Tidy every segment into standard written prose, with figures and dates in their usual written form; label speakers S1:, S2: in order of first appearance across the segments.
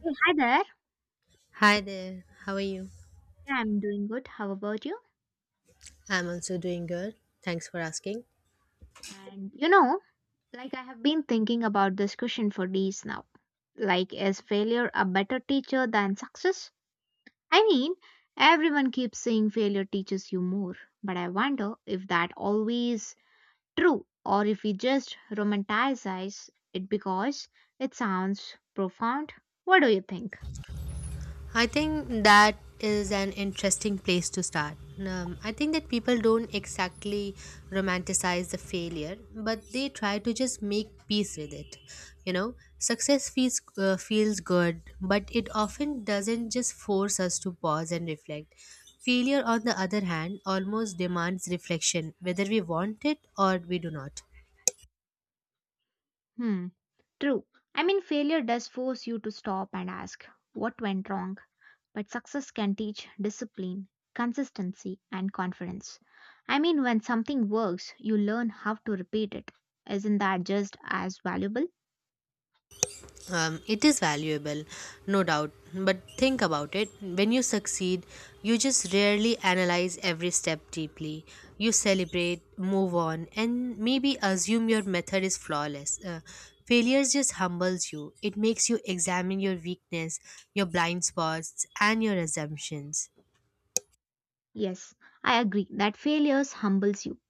S1: Hey, hi there.
S2: Hi there, how are you?
S1: Yeah, I'm doing good. How about you?
S2: I'm also doing good. Thanks for asking.
S1: And like I have been thinking about this question for days now. Like, is failure a better teacher than success? I mean, everyone keeps saying failure teaches you more, but I wonder if that always true or if we just romanticize it because it sounds profound. What do you think?
S2: I think that is an interesting place to start. I think that people don't exactly romanticize the failure, but they try to just make peace with it. You know, success feels feels good, but it often doesn't just force us to pause and reflect. Failure, on the other hand, almost demands reflection, whether we want it or we do not.
S1: Hmm, true. I mean, failure does force you to stop and ask what went wrong. But success can teach discipline, consistency, and confidence. I mean, when something works, you learn how to repeat it. Isn't that just as valuable?
S2: It is valuable, no doubt, but think about it. When you succeed, you just rarely analyze every step deeply. You celebrate, move on, and maybe assume your method is flawless. Failures just humbles you, it makes you examine your weakness, your blind spots, and your assumptions.
S1: Yes, I agree that failures humbles you.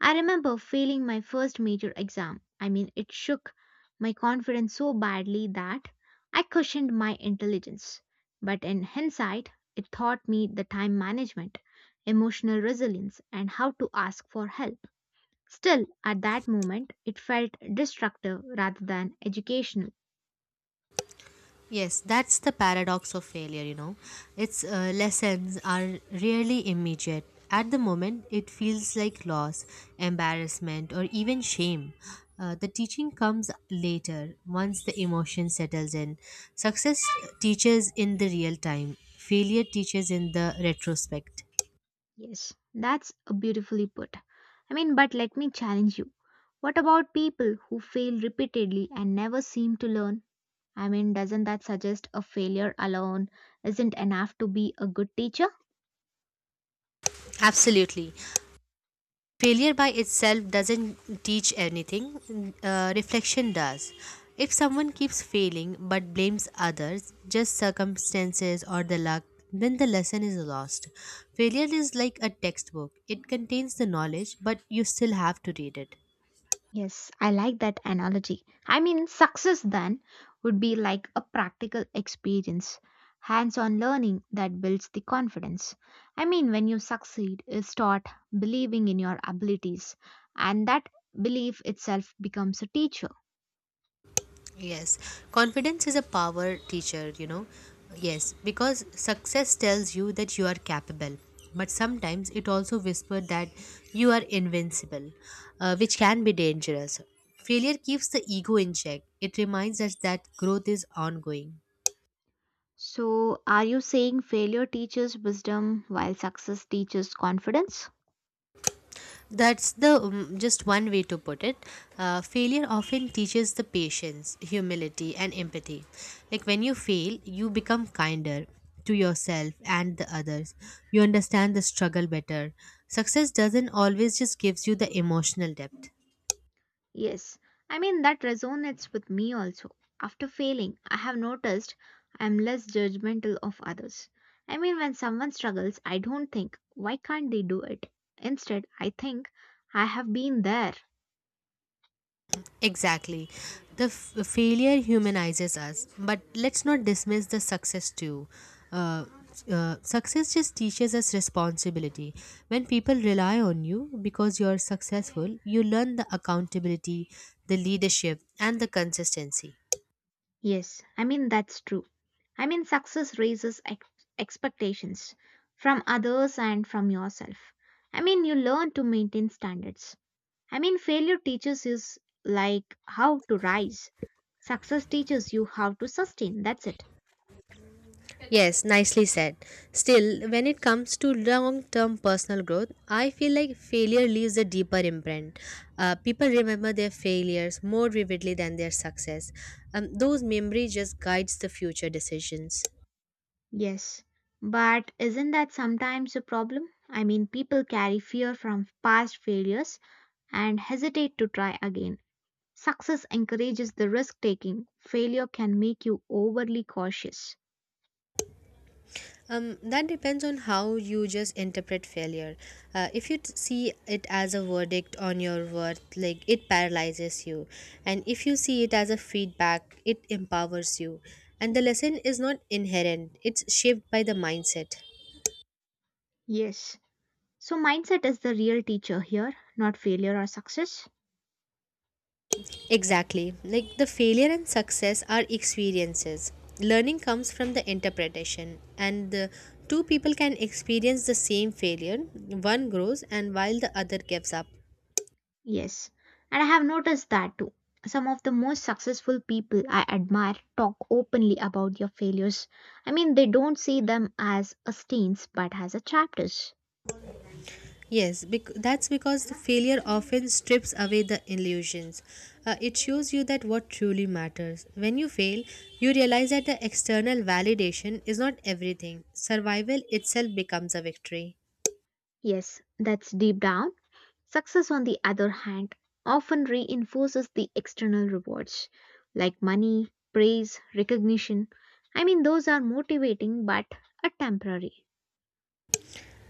S1: I remember failing my first major exam. I mean, it shook my confidence so badly that I questioned my intelligence. But in hindsight, it taught me the time management, emotional resilience, and how to ask for help. Still, at that moment, it felt destructive rather than educational.
S2: Yes, that's the paradox of failure, you know. Its lessons are rarely immediate. At the moment, it feels like loss, embarrassment, or even shame. The teaching comes later, once the emotion settles in. Success teaches in the real time, failure teaches in the retrospect.
S1: Yes, that's a beautifully put. I mean, but let me challenge you. What about people who fail repeatedly and never seem to learn? I mean, doesn't that suggest a failure alone isn't enough to be a good teacher?
S2: Absolutely. Failure by itself doesn't teach anything, reflection does. If someone keeps failing but blames others, just circumstances or the luck, then the lesson is lost. Failure is like a textbook, it contains the knowledge, but you still have to read it.
S1: Yes, I like that analogy. I mean, success then would be like a practical experience, hands on learning that builds the confidence. I mean, when you succeed, you start believing in your abilities, and that belief itself becomes a teacher.
S2: Yes, confidence is a power teacher, you know. Yes, because success tells you that you are capable, but sometimes it also whispers that you are invincible, which can be dangerous. Failure keeps the ego in check, it reminds us that growth is ongoing.
S1: So, are you saying failure teaches wisdom while success teaches confidence?
S2: That's the just one way to put it. Failure often teaches the patience, humility, and empathy. Like when you fail, you become kinder to yourself and the others. You understand the struggle better. Success doesn't always just gives you the emotional depth.
S1: Yes, I mean that resonates with me also. After failing, I have noticed I am less judgmental of others. I mean, when someone struggles, I don't think, why can't they do it? Instead, I think, I have been there.
S2: Exactly. Failure humanizes us, but let's not dismiss the success too. Uh, Success just teaches us responsibility. When people rely on you because you're successful, you learn the accountability, the leadership, and the consistency.
S1: Yes, I mean, that's true. I mean, success raises expectations from others and from yourself. I mean, you learn to maintain standards. I mean, failure teaches us like how to rise. Success teaches you how to sustain. That's it.
S2: Yes, nicely said. Still, when it comes to long term personal growth, I feel like failure leaves a deeper imprint. People remember their failures more vividly than their success. Those memories just guides the future decisions.
S1: Yes. But isn't that sometimes a problem? I mean, people carry fear from past failures and hesitate to try again. Success encourages the risk taking. Failure can make you overly cautious.
S2: That depends on how you just interpret failure. If you see it as a verdict on your worth, like it paralyzes you, and if you see it as a feedback, it empowers you. And the lesson is not inherent; it's shaped by the mindset.
S1: Yes. So, mindset is the real teacher here, not failure or success.
S2: Exactly, like the failure and success are experiences. Learning comes from the interpretation, and the two people can experience the same failure. One grows, and while the other gives up.
S1: Yes, and I have noticed that too. Some of the most successful people I admire talk openly about their failures. I mean, they don't see them as a stains but as a chapters.
S2: Yes, that's because the failure often strips away the illusions. It shows you that what truly matters. When you fail, you realize that the external validation is not everything. Survival itself becomes a victory.
S1: Yes, that's deep down. Success, on the other hand, often reinforces the external rewards like money, praise, recognition. I mean, those are motivating but are temporary.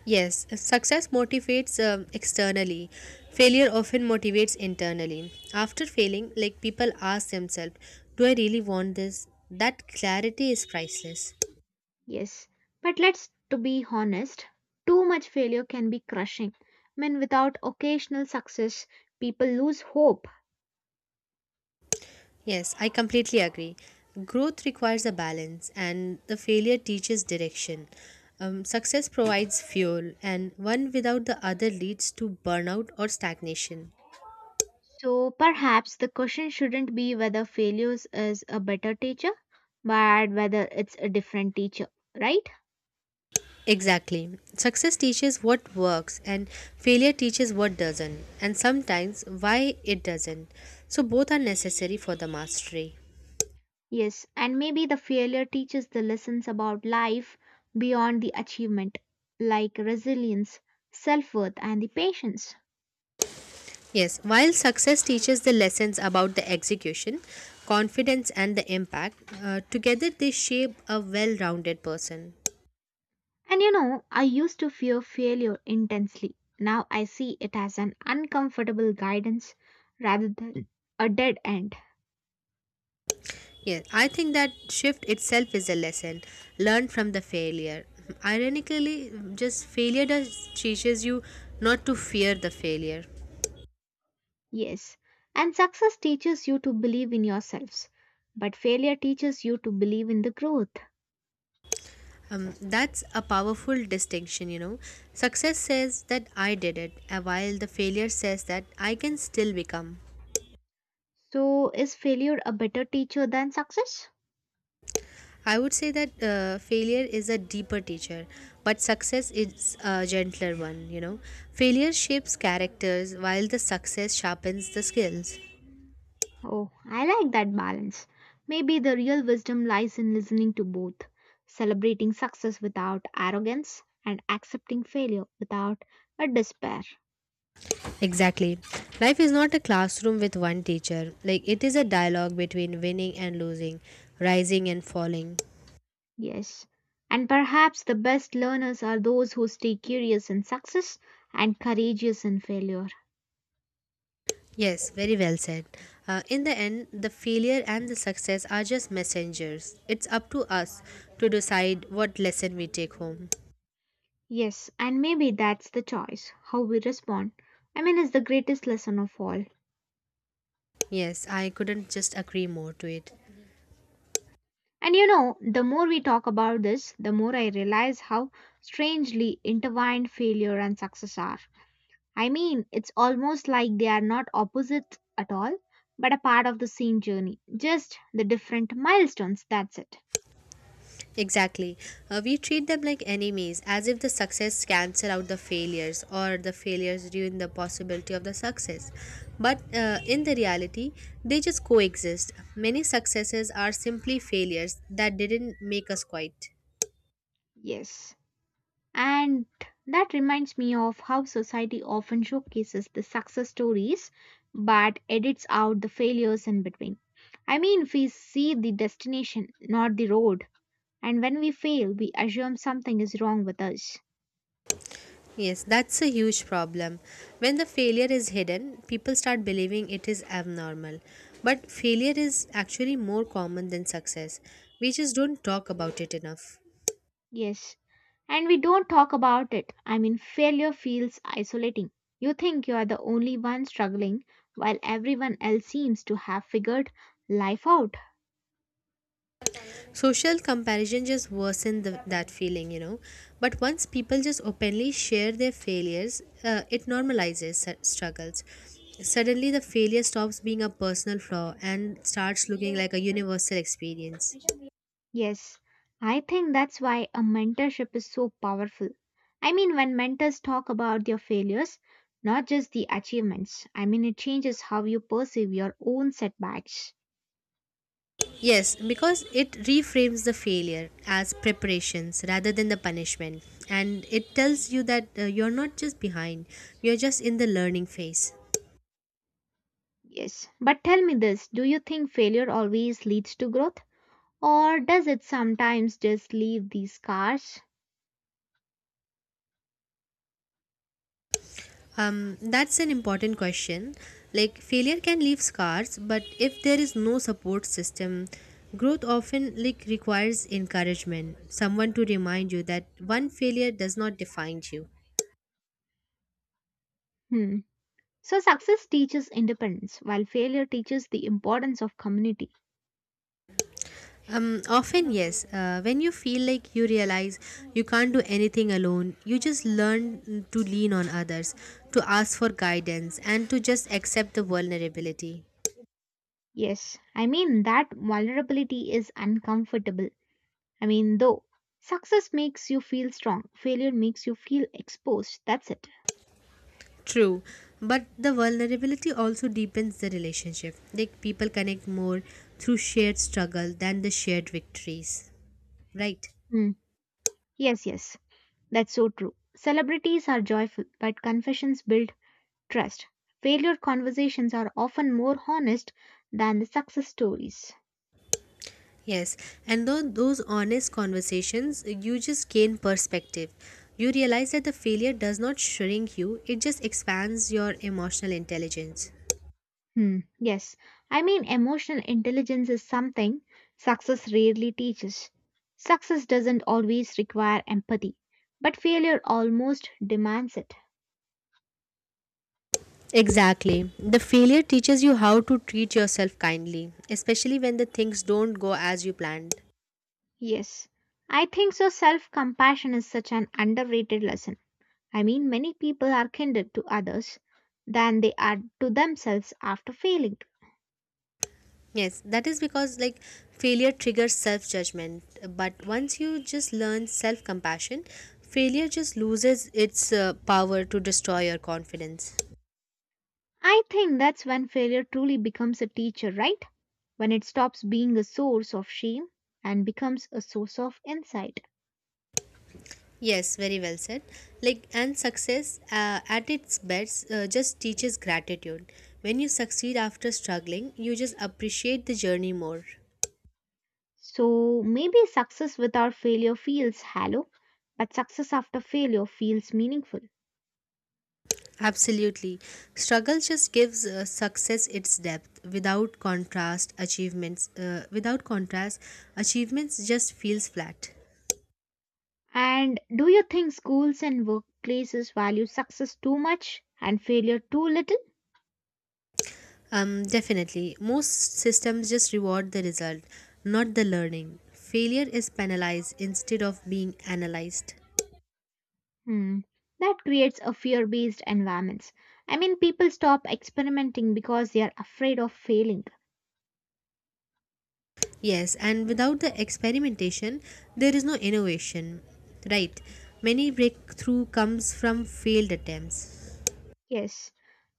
S2: Yes, success motivates externally. Failure often motivates internally. After failing, like people ask themselves, do I really want this? That clarity is priceless.
S1: Yes, but let's to be honest, too much failure can be crushing. I mean, without occasional success, people lose hope.
S2: Yes, I completely agree. Growth requires a balance, and the failure teaches direction. Success provides fuel, and one without the other leads to burnout or stagnation.
S1: So perhaps the question shouldn't be whether failures is a better teacher, but whether it's a different teacher, right?
S2: Exactly. Success teaches what works, and failure teaches what doesn't, and sometimes why it doesn't. So, both are necessary for the mastery.
S1: Yes, and maybe the failure teaches the lessons about life beyond the achievement, like resilience, self worth, and the patience.
S2: Yes, while success teaches the lessons about the execution, confidence, and the impact, together they shape a well rounded person.
S1: I used to fear failure intensely. Now I see it as an uncomfortable guidance rather than a dead end.
S2: Yes, I think that shift itself is a lesson. Learn from the failure. Ironically, just failure does teaches you not to fear the failure.
S1: Yes, and success teaches you to believe in yourselves, but failure teaches you to believe in the growth.
S2: That's a powerful distinction, you know. Success says that I did it, while the failure says that I can still become.
S1: So, is failure a better teacher than success?
S2: I would say that failure is a deeper teacher, but success is a gentler one, you know. Failure shapes characters, while the success sharpens the skills.
S1: Oh, I like that balance. Maybe the real wisdom lies in listening to both, celebrating success without arrogance and accepting failure without a despair.
S2: Exactly. Life is not a classroom with one teacher. Like it is a dialogue between winning and losing, rising and falling.
S1: Yes. And perhaps the best learners are those who stay curious in success and courageous in failure.
S2: Yes, very well said. In the end, the failure and the success are just messengers. It's up to us to decide what lesson we take home.
S1: Yes, and maybe that's the choice, how we respond. I mean, is the greatest lesson of all.
S2: Yes, I couldn't just agree more to it.
S1: The more we talk about this, the more I realize how strangely intertwined failure and success are. I mean, it's almost like they are not opposites at all, but a part of the same journey, just the different milestones, that's it.
S2: Exactly. We treat them like enemies, as if the success cancel out the failures or the failures ruin the possibility of the success. But in the reality, they just coexist. Many successes are simply failures that didn't make us quite.
S1: Yes. And that reminds me of how society often showcases the success stories but edits out the failures in between. I mean, we see the destination, not the road. And when we fail, we assume something is wrong with us.
S2: Yes, that's a huge problem. When the failure is hidden, people start believing it is abnormal. But failure is actually more common than success. We just don't talk about it enough.
S1: Yes. And we don't talk about it. I mean, failure feels isolating. You think you are the only one struggling while everyone else seems to have figured life out.
S2: Social comparison just worsen the, that feeling, you know. But once people just openly share their failures, it normalizes struggles. Suddenly, the failure stops being a personal flaw and starts looking like a universal experience.
S1: Yes, I think that's why a mentorship is so powerful. I mean, when mentors talk about their failures, not just the achievements, I mean, it changes how you perceive your own setbacks.
S2: Yes, because it reframes the failure as preparations rather than the punishment. And it tells you that you're not just behind, you're just in the learning phase.
S1: Yes, but tell me this, do you think failure always leads to growth, or does it sometimes just leave these scars?
S2: That's an important question. Like, failure can leave scars, but if there is no support system, growth often like requires encouragement, someone to remind you that one failure does not define you.
S1: Hmm. So, success teaches independence, while failure teaches the importance of community.
S2: Often, yes, when you feel like you realize you can't do anything alone, you just learn to lean on others, to ask for guidance, and to just accept the vulnerability.
S1: Yes, I mean, that vulnerability is uncomfortable. I mean, though, success makes you feel strong, failure makes you feel exposed. That's it.
S2: True, but the vulnerability also deepens the relationship. Like people connect more through shared struggle than the shared victories. Right.
S1: Hmm. Yes, yes, that's so true. Celebrities are joyful, but confessions build trust. Failure conversations are often more honest than the success stories.
S2: Yes. And though those honest conversations, you just gain perspective. You realize that the failure does not shrink you, it just expands your emotional intelligence.
S1: Hmm. Yes, I mean, emotional intelligence is something success rarely teaches. Success doesn't always require empathy, but failure almost demands it.
S2: Exactly. The failure teaches you how to treat yourself kindly, especially when the things don't go as you planned.
S1: Yes, I think so. Self compassion is such an underrated lesson. I mean, many people are kinder to others than they are to themselves after failing.
S2: Yes, that is because like failure triggers self judgment. But once you just learn self compassion, failure just loses its power to destroy your confidence.
S1: I think that's when failure truly becomes a teacher, right? When it stops being a source of shame and becomes a source of insight.
S2: Yes, very well said. Like, and success at its best just teaches gratitude. When you succeed after struggling, you just appreciate the journey more.
S1: So maybe success without failure feels hollow, but success after failure feels meaningful.
S2: Absolutely. Struggle just gives success its depth. Without contrast, achievements just feels flat.
S1: And do you think schools and workplaces value success too much and failure too little?
S2: Definitely. Most systems just reward the result, not the learning. Failure is penalized instead of being analyzed.
S1: Hmm. That creates a fear-based environment. I mean, people stop experimenting because they are afraid of failing.
S2: Yes, and without the experimentation, there is no innovation. Right. Many breakthrough comes from failed attempts.
S1: Yes,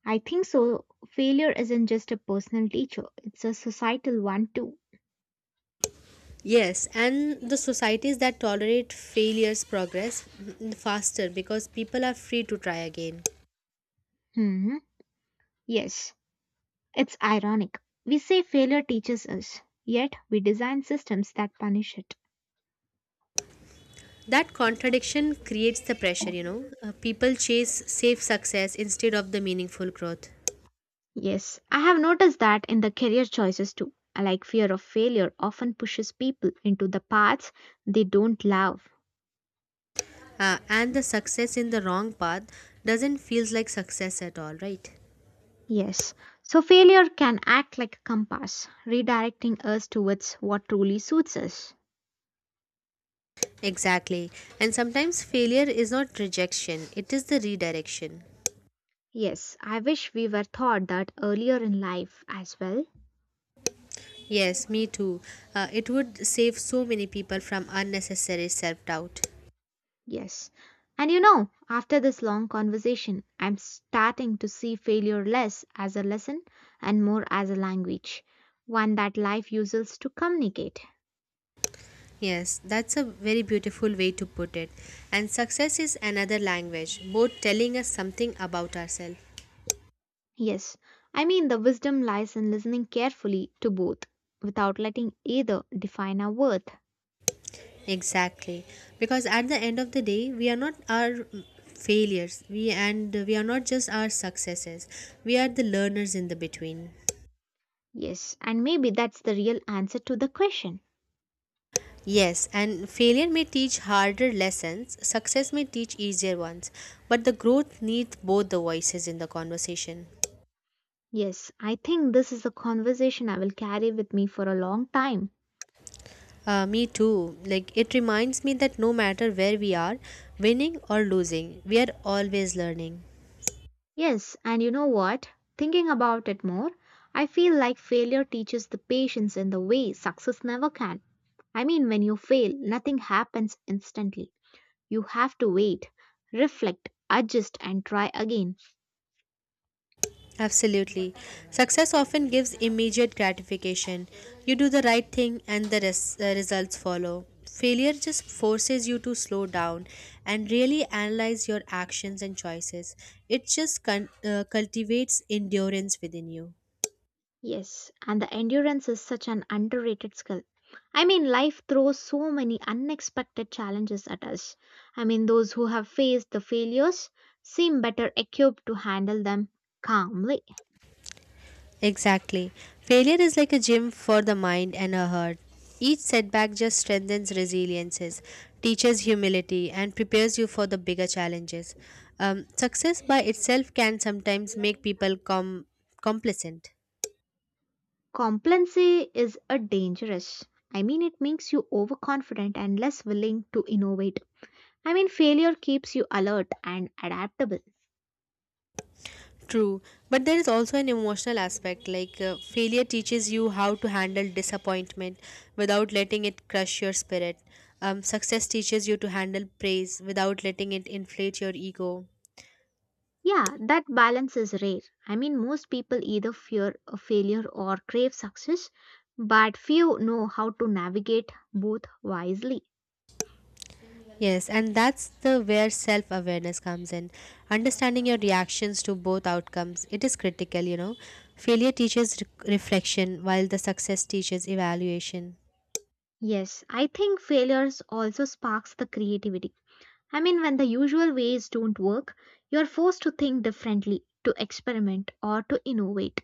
S1: I think so. Failure isn't just a personal teacher; it's a societal one too.
S2: Yes, and the societies that tolerate failures progress faster because people are free to try again.
S1: Hmm. Yes, it's ironic. We say failure teaches us, yet we design systems that punish it.
S2: That contradiction creates the pressure, you know. People chase safe success instead of the meaningful growth.
S1: Yes, I have noticed that in the career choices too. Like fear of failure often pushes people into the paths they don't love.
S2: And the success in the wrong path doesn't feels like success at all, right?
S1: Yes, so failure can act like a compass, redirecting us towards what truly suits us.
S2: Exactly. And sometimes failure is not rejection, it is the redirection.
S1: Yes, I wish we were taught that earlier in life as well.
S2: Yes, me too. It would save so many people from unnecessary self doubt.
S1: Yes. After this long conversation, I'm starting to see failure less as a lesson and more as a language, one that life uses to communicate.
S2: Yes, that's a very beautiful way to put it. And success is another language, both telling us something about ourselves.
S1: Yes, I mean the wisdom lies in listening carefully to both without letting either define our worth.
S2: Exactly. Because at the end of the day, we are not our failures. We are not just our successes. We are the learners in the between.
S1: Yes, and maybe that's the real answer to the question.
S2: Yes, and failure may teach harder lessons, success may teach easier ones, but the growth needs both the voices in the conversation.
S1: Yes, I think this is a conversation I will carry with me for a long time.
S2: Me too. Like it reminds me that no matter where we are, winning or losing, we are always learning.
S1: Yes, and you know what? Thinking about it more, I feel like failure teaches the patience in the way success never can. I mean, when you fail, nothing happens instantly. You have to wait, reflect, adjust, and try again.
S2: Absolutely. Success often gives immediate gratification. You do the right thing and results follow. Failure just forces you to slow down and really analyze your actions and choices. It just cultivates endurance within you.
S1: Yes, and the endurance is such an underrated skill. I mean, life throws so many unexpected challenges at us. I mean, those who have faced the failures seem better equipped to handle them calmly.
S2: Exactly. Failure is like a gym for the mind and a heart. Each setback just strengthens resiliences, teaches humility, and prepares you for the bigger challenges. Success by itself can sometimes make people complacent.
S1: Complacency is a dangerous. I mean, it makes you overconfident and less willing to innovate. I mean, failure keeps you alert and adaptable.
S2: True, but there is also an emotional aspect like failure teaches you how to handle disappointment without letting it crush your spirit. Success teaches you to handle praise without letting it inflate your ego.
S1: Yeah, that balance is rare. I mean, most people either fear a failure or crave success, but few know how to navigate both wisely.
S2: Yes, and that's the where self-awareness comes in. Understanding your reactions to both outcomes, it is critical, you know. Failure teaches reflection while the success teaches evaluation.
S1: Yes, I think failures also sparks the creativity. I mean, when the usual ways don't work, you're forced to think differently, to experiment, or to innovate.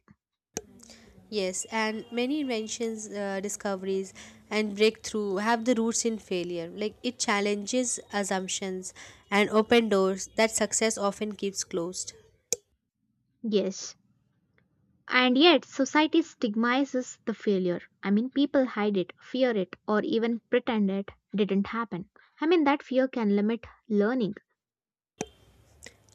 S2: Yes, and many inventions, discoveries, and breakthrough have the roots in failure. Like it challenges assumptions and open doors that success often keeps closed.
S1: Yes. And yet, society stigmatizes the failure. I mean, people hide it, fear it, or even pretend it didn't happen. I mean, that fear can limit learning.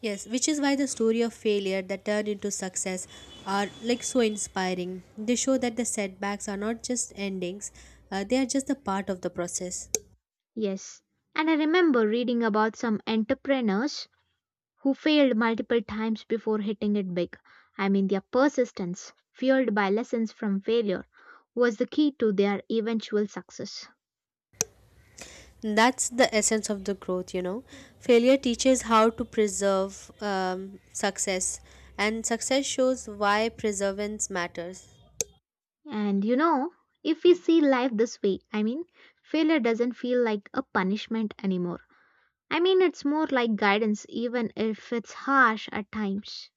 S2: Yes, which is why the story of failure that turn into success are like so inspiring. They show that the setbacks are not just endings, they are just a part of the process.
S1: Yes. And I remember reading about some entrepreneurs who failed multiple times before hitting it big. I mean, their persistence, fueled by lessons from failure, was the key to their eventual success.
S2: That's the essence of the growth, you know. Failure teaches how to preserve success, and success shows why perseverance matters.
S1: And you know, if we see life this way, I mean, failure doesn't feel like a punishment anymore. I mean, it's more like guidance, even if it's harsh at times.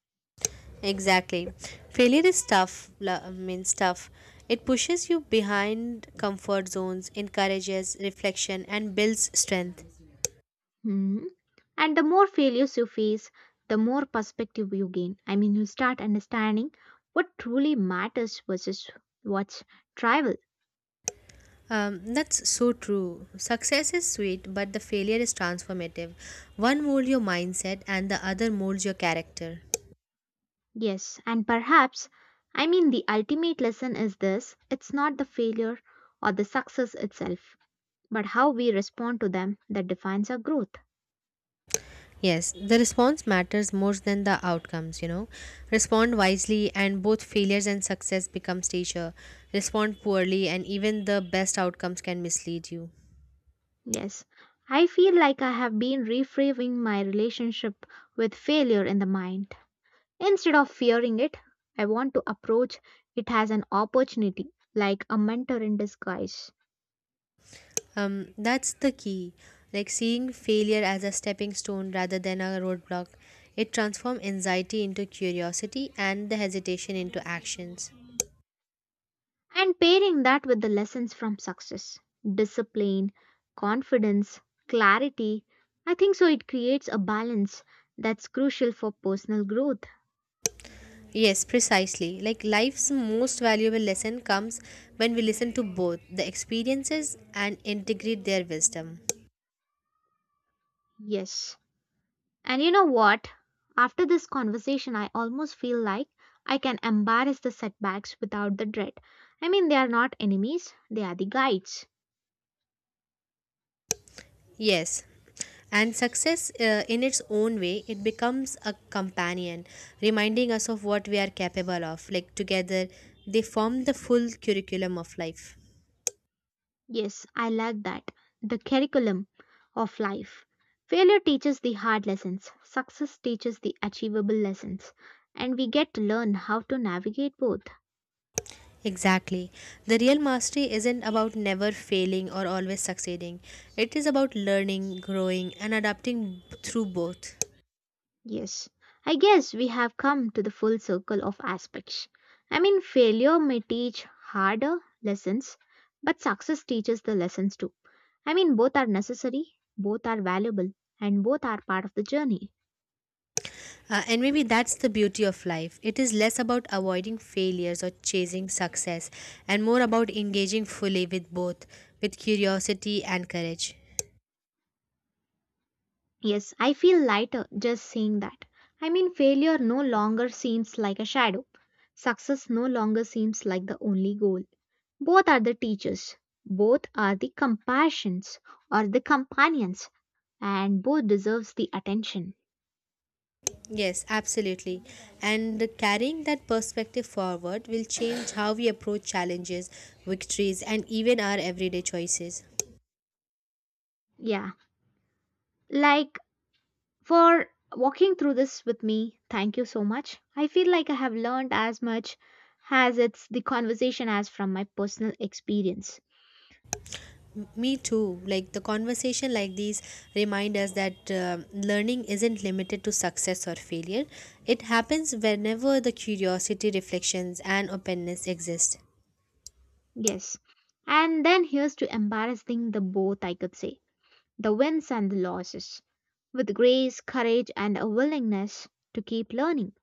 S2: Exactly. Failure is tough, means tough. It pushes you behind comfort zones, encourages reflection, and builds strength.
S1: Hmm. And the more failures you face, the more perspective you gain. I mean, you start understanding what truly matters versus what's trivial.
S2: That's so true. Success is sweet, but the failure is transformative. One molds your mindset, and the other molds your character.
S1: Yes, and perhaps, I mean, the ultimate lesson is this, it's not the failure or the success itself, but how we respond to them that defines our growth.
S2: Yes, the response matters more than the outcomes, you know. Respond wisely, and both failures and success become teacher. Respond poorly, and even the best outcomes can mislead you.
S1: Yes, I feel like I have been reframing my relationship with failure in the mind. Instead of fearing it, I want to approach it as an opportunity, like a mentor in disguise,
S2: That's the key. Like seeing failure as a stepping stone rather than a roadblock. It transforms anxiety into curiosity and the hesitation into actions.
S1: and pairing that with the lessons from success, discipline, confidence, clarity. I think so, it creates a balance that's crucial for personal growth.
S2: Yes, precisely. Like life's most valuable lesson comes when we listen to both the experiences and integrate their wisdom.
S1: Yes. And you know what? After this conversation, I almost feel like I can embrace the setbacks without the dread. I mean, they are not enemies, they are the guides.
S2: Yes. And success, in its own way, it becomes a companion, reminding us of what we are capable of. Like together, they form the full curriculum of life.
S1: Yes, I like that. The curriculum of life. Failure teaches the hard lessons, success teaches the achievable lessons, and we get to learn how to navigate both.
S2: Exactly. The real mastery isn't about never failing or always succeeding, it is about learning, growing, and adapting through both.
S1: Yes, I guess we have come to the full circle of aspects. I mean, failure may teach harder lessons, but success teaches the lessons too. I mean, both are necessary, both are valuable, and both are part of the journey.
S2: And maybe that's the beauty of life. It is less about avoiding failures or chasing success and more about engaging fully with both, with curiosity and courage.
S1: Yes, I feel lighter just saying that. I mean, failure no longer seems like a shadow. Success no longer seems like the only goal. Both are the teachers, both are the compassions or the companions, and both deserves the attention.
S2: Yes, absolutely. And carrying that perspective forward will change how we approach challenges, victories, and even our everyday choices.
S1: Yeah, like for walking through this with me, thank you so much. I feel like I have learned as much as it's the conversation as from my personal experience.
S2: Me too. Like the conversation like these remind us that learning isn't limited to success or failure. It happens whenever the curiosity, reflections, and openness exist.
S1: Yes. And then here's to embarrassing the both, I could say the wins and the losses. With grace, courage, and a willingness to keep learning.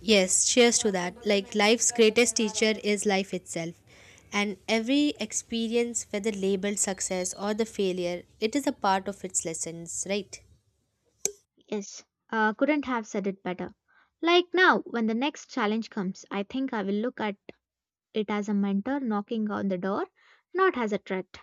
S2: Yes, cheers to that. Like life's greatest teacher is life itself. And every experience, whether labeled success or the failure, it is a part of its lessons, right?
S1: Yes, couldn't have said it better. Like now, when the next challenge comes, I think I will look at it as a mentor knocking on the door, not as a threat.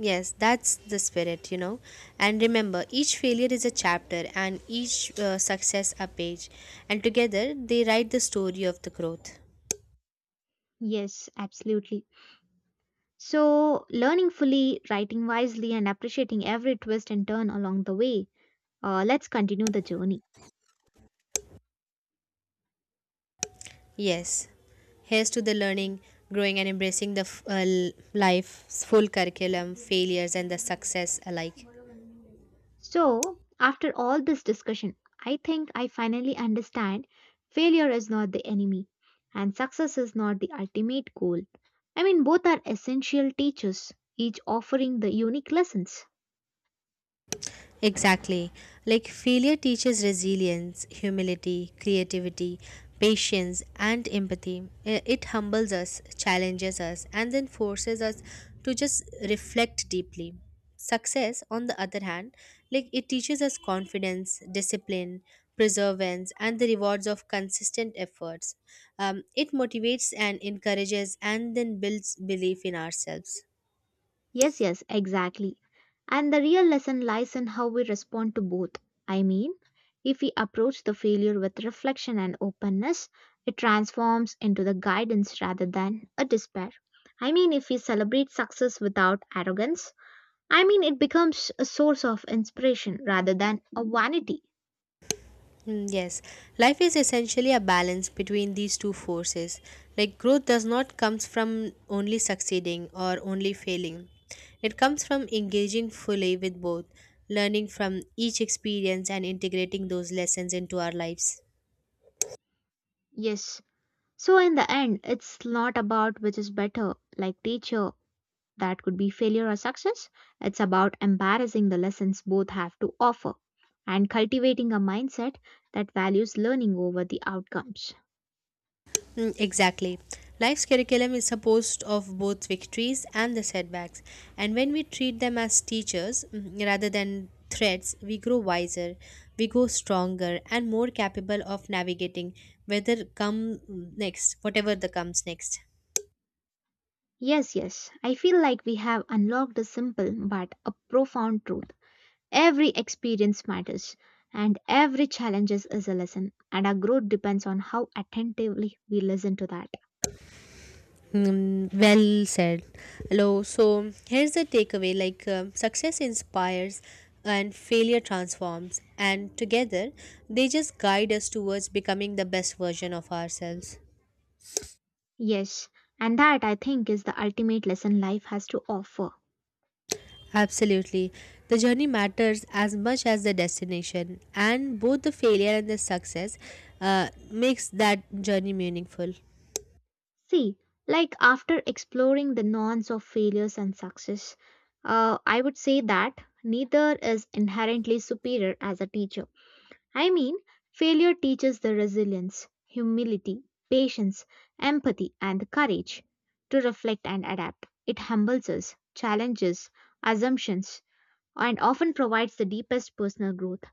S2: Yes, that's the spirit, you know. And remember, each failure is a chapter and each success a page. And together, they write the story of the growth.
S1: Yes, absolutely. So, learning fully, writing wisely, and appreciating every twist and turn along the way, let's continue the journey.
S2: Yes. Here's to the learning, growing, and embracing the life's full curriculum, failures, and the success alike.
S1: So, after all this discussion, I think I finally understand failure is not the enemy and success is not the ultimate goal. I mean, both are essential teachers, each offering the unique lessons.
S2: Exactly. Like failure teaches resilience, humility, creativity, patience, and empathy. It humbles us, challenges us, and then forces us to just reflect deeply. Success, on the other hand, like it teaches us confidence, discipline, perseverance, and the rewards of consistent efforts. It motivates and encourages, and then builds belief in ourselves.
S1: Yes, yes, exactly. And the real lesson lies in how we respond to both. I mean, if we approach the failure with reflection and openness, it transforms into the guidance rather than a despair. I mean, if we celebrate success without arrogance, I mean, it becomes a source of inspiration rather than a vanity.
S2: Mm, yes, life is essentially a balance between these two forces. Like growth does not comes from only succeeding or only failing. It comes from engaging fully with both, learning from each experience and integrating those lessons into our lives.
S1: Yes. So, in the end, it's not about which is better, like teacher, that could be failure or success. It's about embarrassing the lessons both have to offer and cultivating a mindset that values learning over the outcomes.
S2: Mm, exactly. Life's curriculum is supposed of both victories and the setbacks. And when we treat them as teachers rather than threats, we grow wiser, we grow stronger and more capable of navigating whether come mm, next, whatever the comes next.
S1: Yes, yes. I feel like we have unlocked a simple but a profound truth. Every experience matters, and every challenge is a lesson, and our growth depends on how attentively we listen to that.
S2: Hmm, well said. Hello. So here's the takeaway: like success inspires, and failure transforms, and together they just guide us towards becoming the best version of ourselves.
S1: Yes, and that I think is the ultimate lesson life has to offer.
S2: Absolutely. The journey matters as much as the destination, and both the failure and the success makes that journey meaningful.
S1: See, like after exploring the nonce of failures and success, I would say that neither is inherently superior as a teacher. I mean, failure teaches the resilience, humility, patience, empathy, and the courage to reflect and adapt. It humbles us, challenges assumptions, and often provides the deepest personal growth.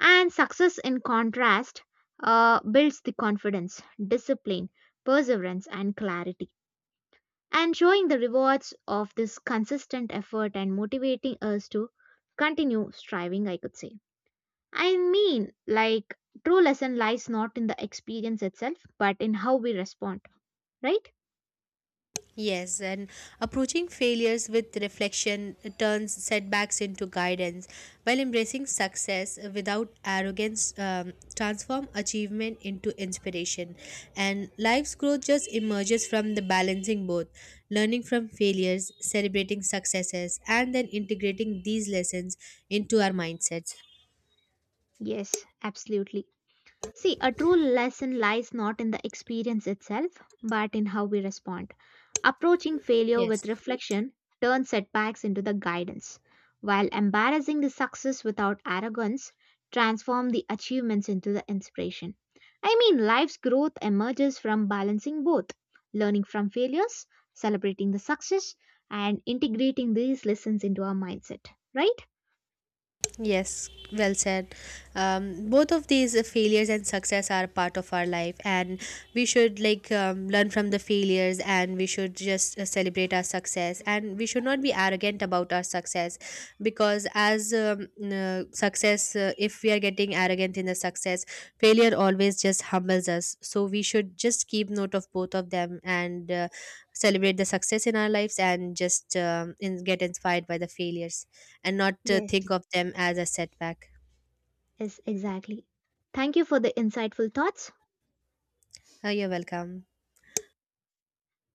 S1: And success, in contrast, builds the confidence, discipline, perseverance, and clarity. And showing the rewards of this consistent effort and motivating us to continue striving, I could say. I mean, like, true lesson lies not in the experience itself, but in how we respond, right?
S2: Yes, and approaching failures with reflection turns setbacks into guidance, while embracing success without arrogance transform achievement into inspiration. And life's growth just emerges from the balancing both, learning from failures, celebrating successes, and then integrating these lessons into our mindsets.
S1: Yes, absolutely. See, a true lesson lies not in the experience itself, but in how we respond. Approaching failure
S2: Yes.
S1: with reflection turns setbacks into the guidance, while embarrassing the success without arrogance transform the achievements into the inspiration. I mean, life's growth emerges from balancing both, learning from failures, celebrating the success, and integrating these lessons into our mindset, right?
S2: Yes, well said. Both of these failures and success are part of our life, and we should like learn from the failures, and we should just celebrate our success, and we should not be arrogant about our success, because as success, if we are getting arrogant in the success, failure always just humbles us. So we should just keep note of both of them and celebrate the success in our lives, and just get inspired by the failures and not
S1: Yes.
S2: think of them as a setback.
S1: Yes, exactly. Thank you for the insightful thoughts.
S2: You're welcome.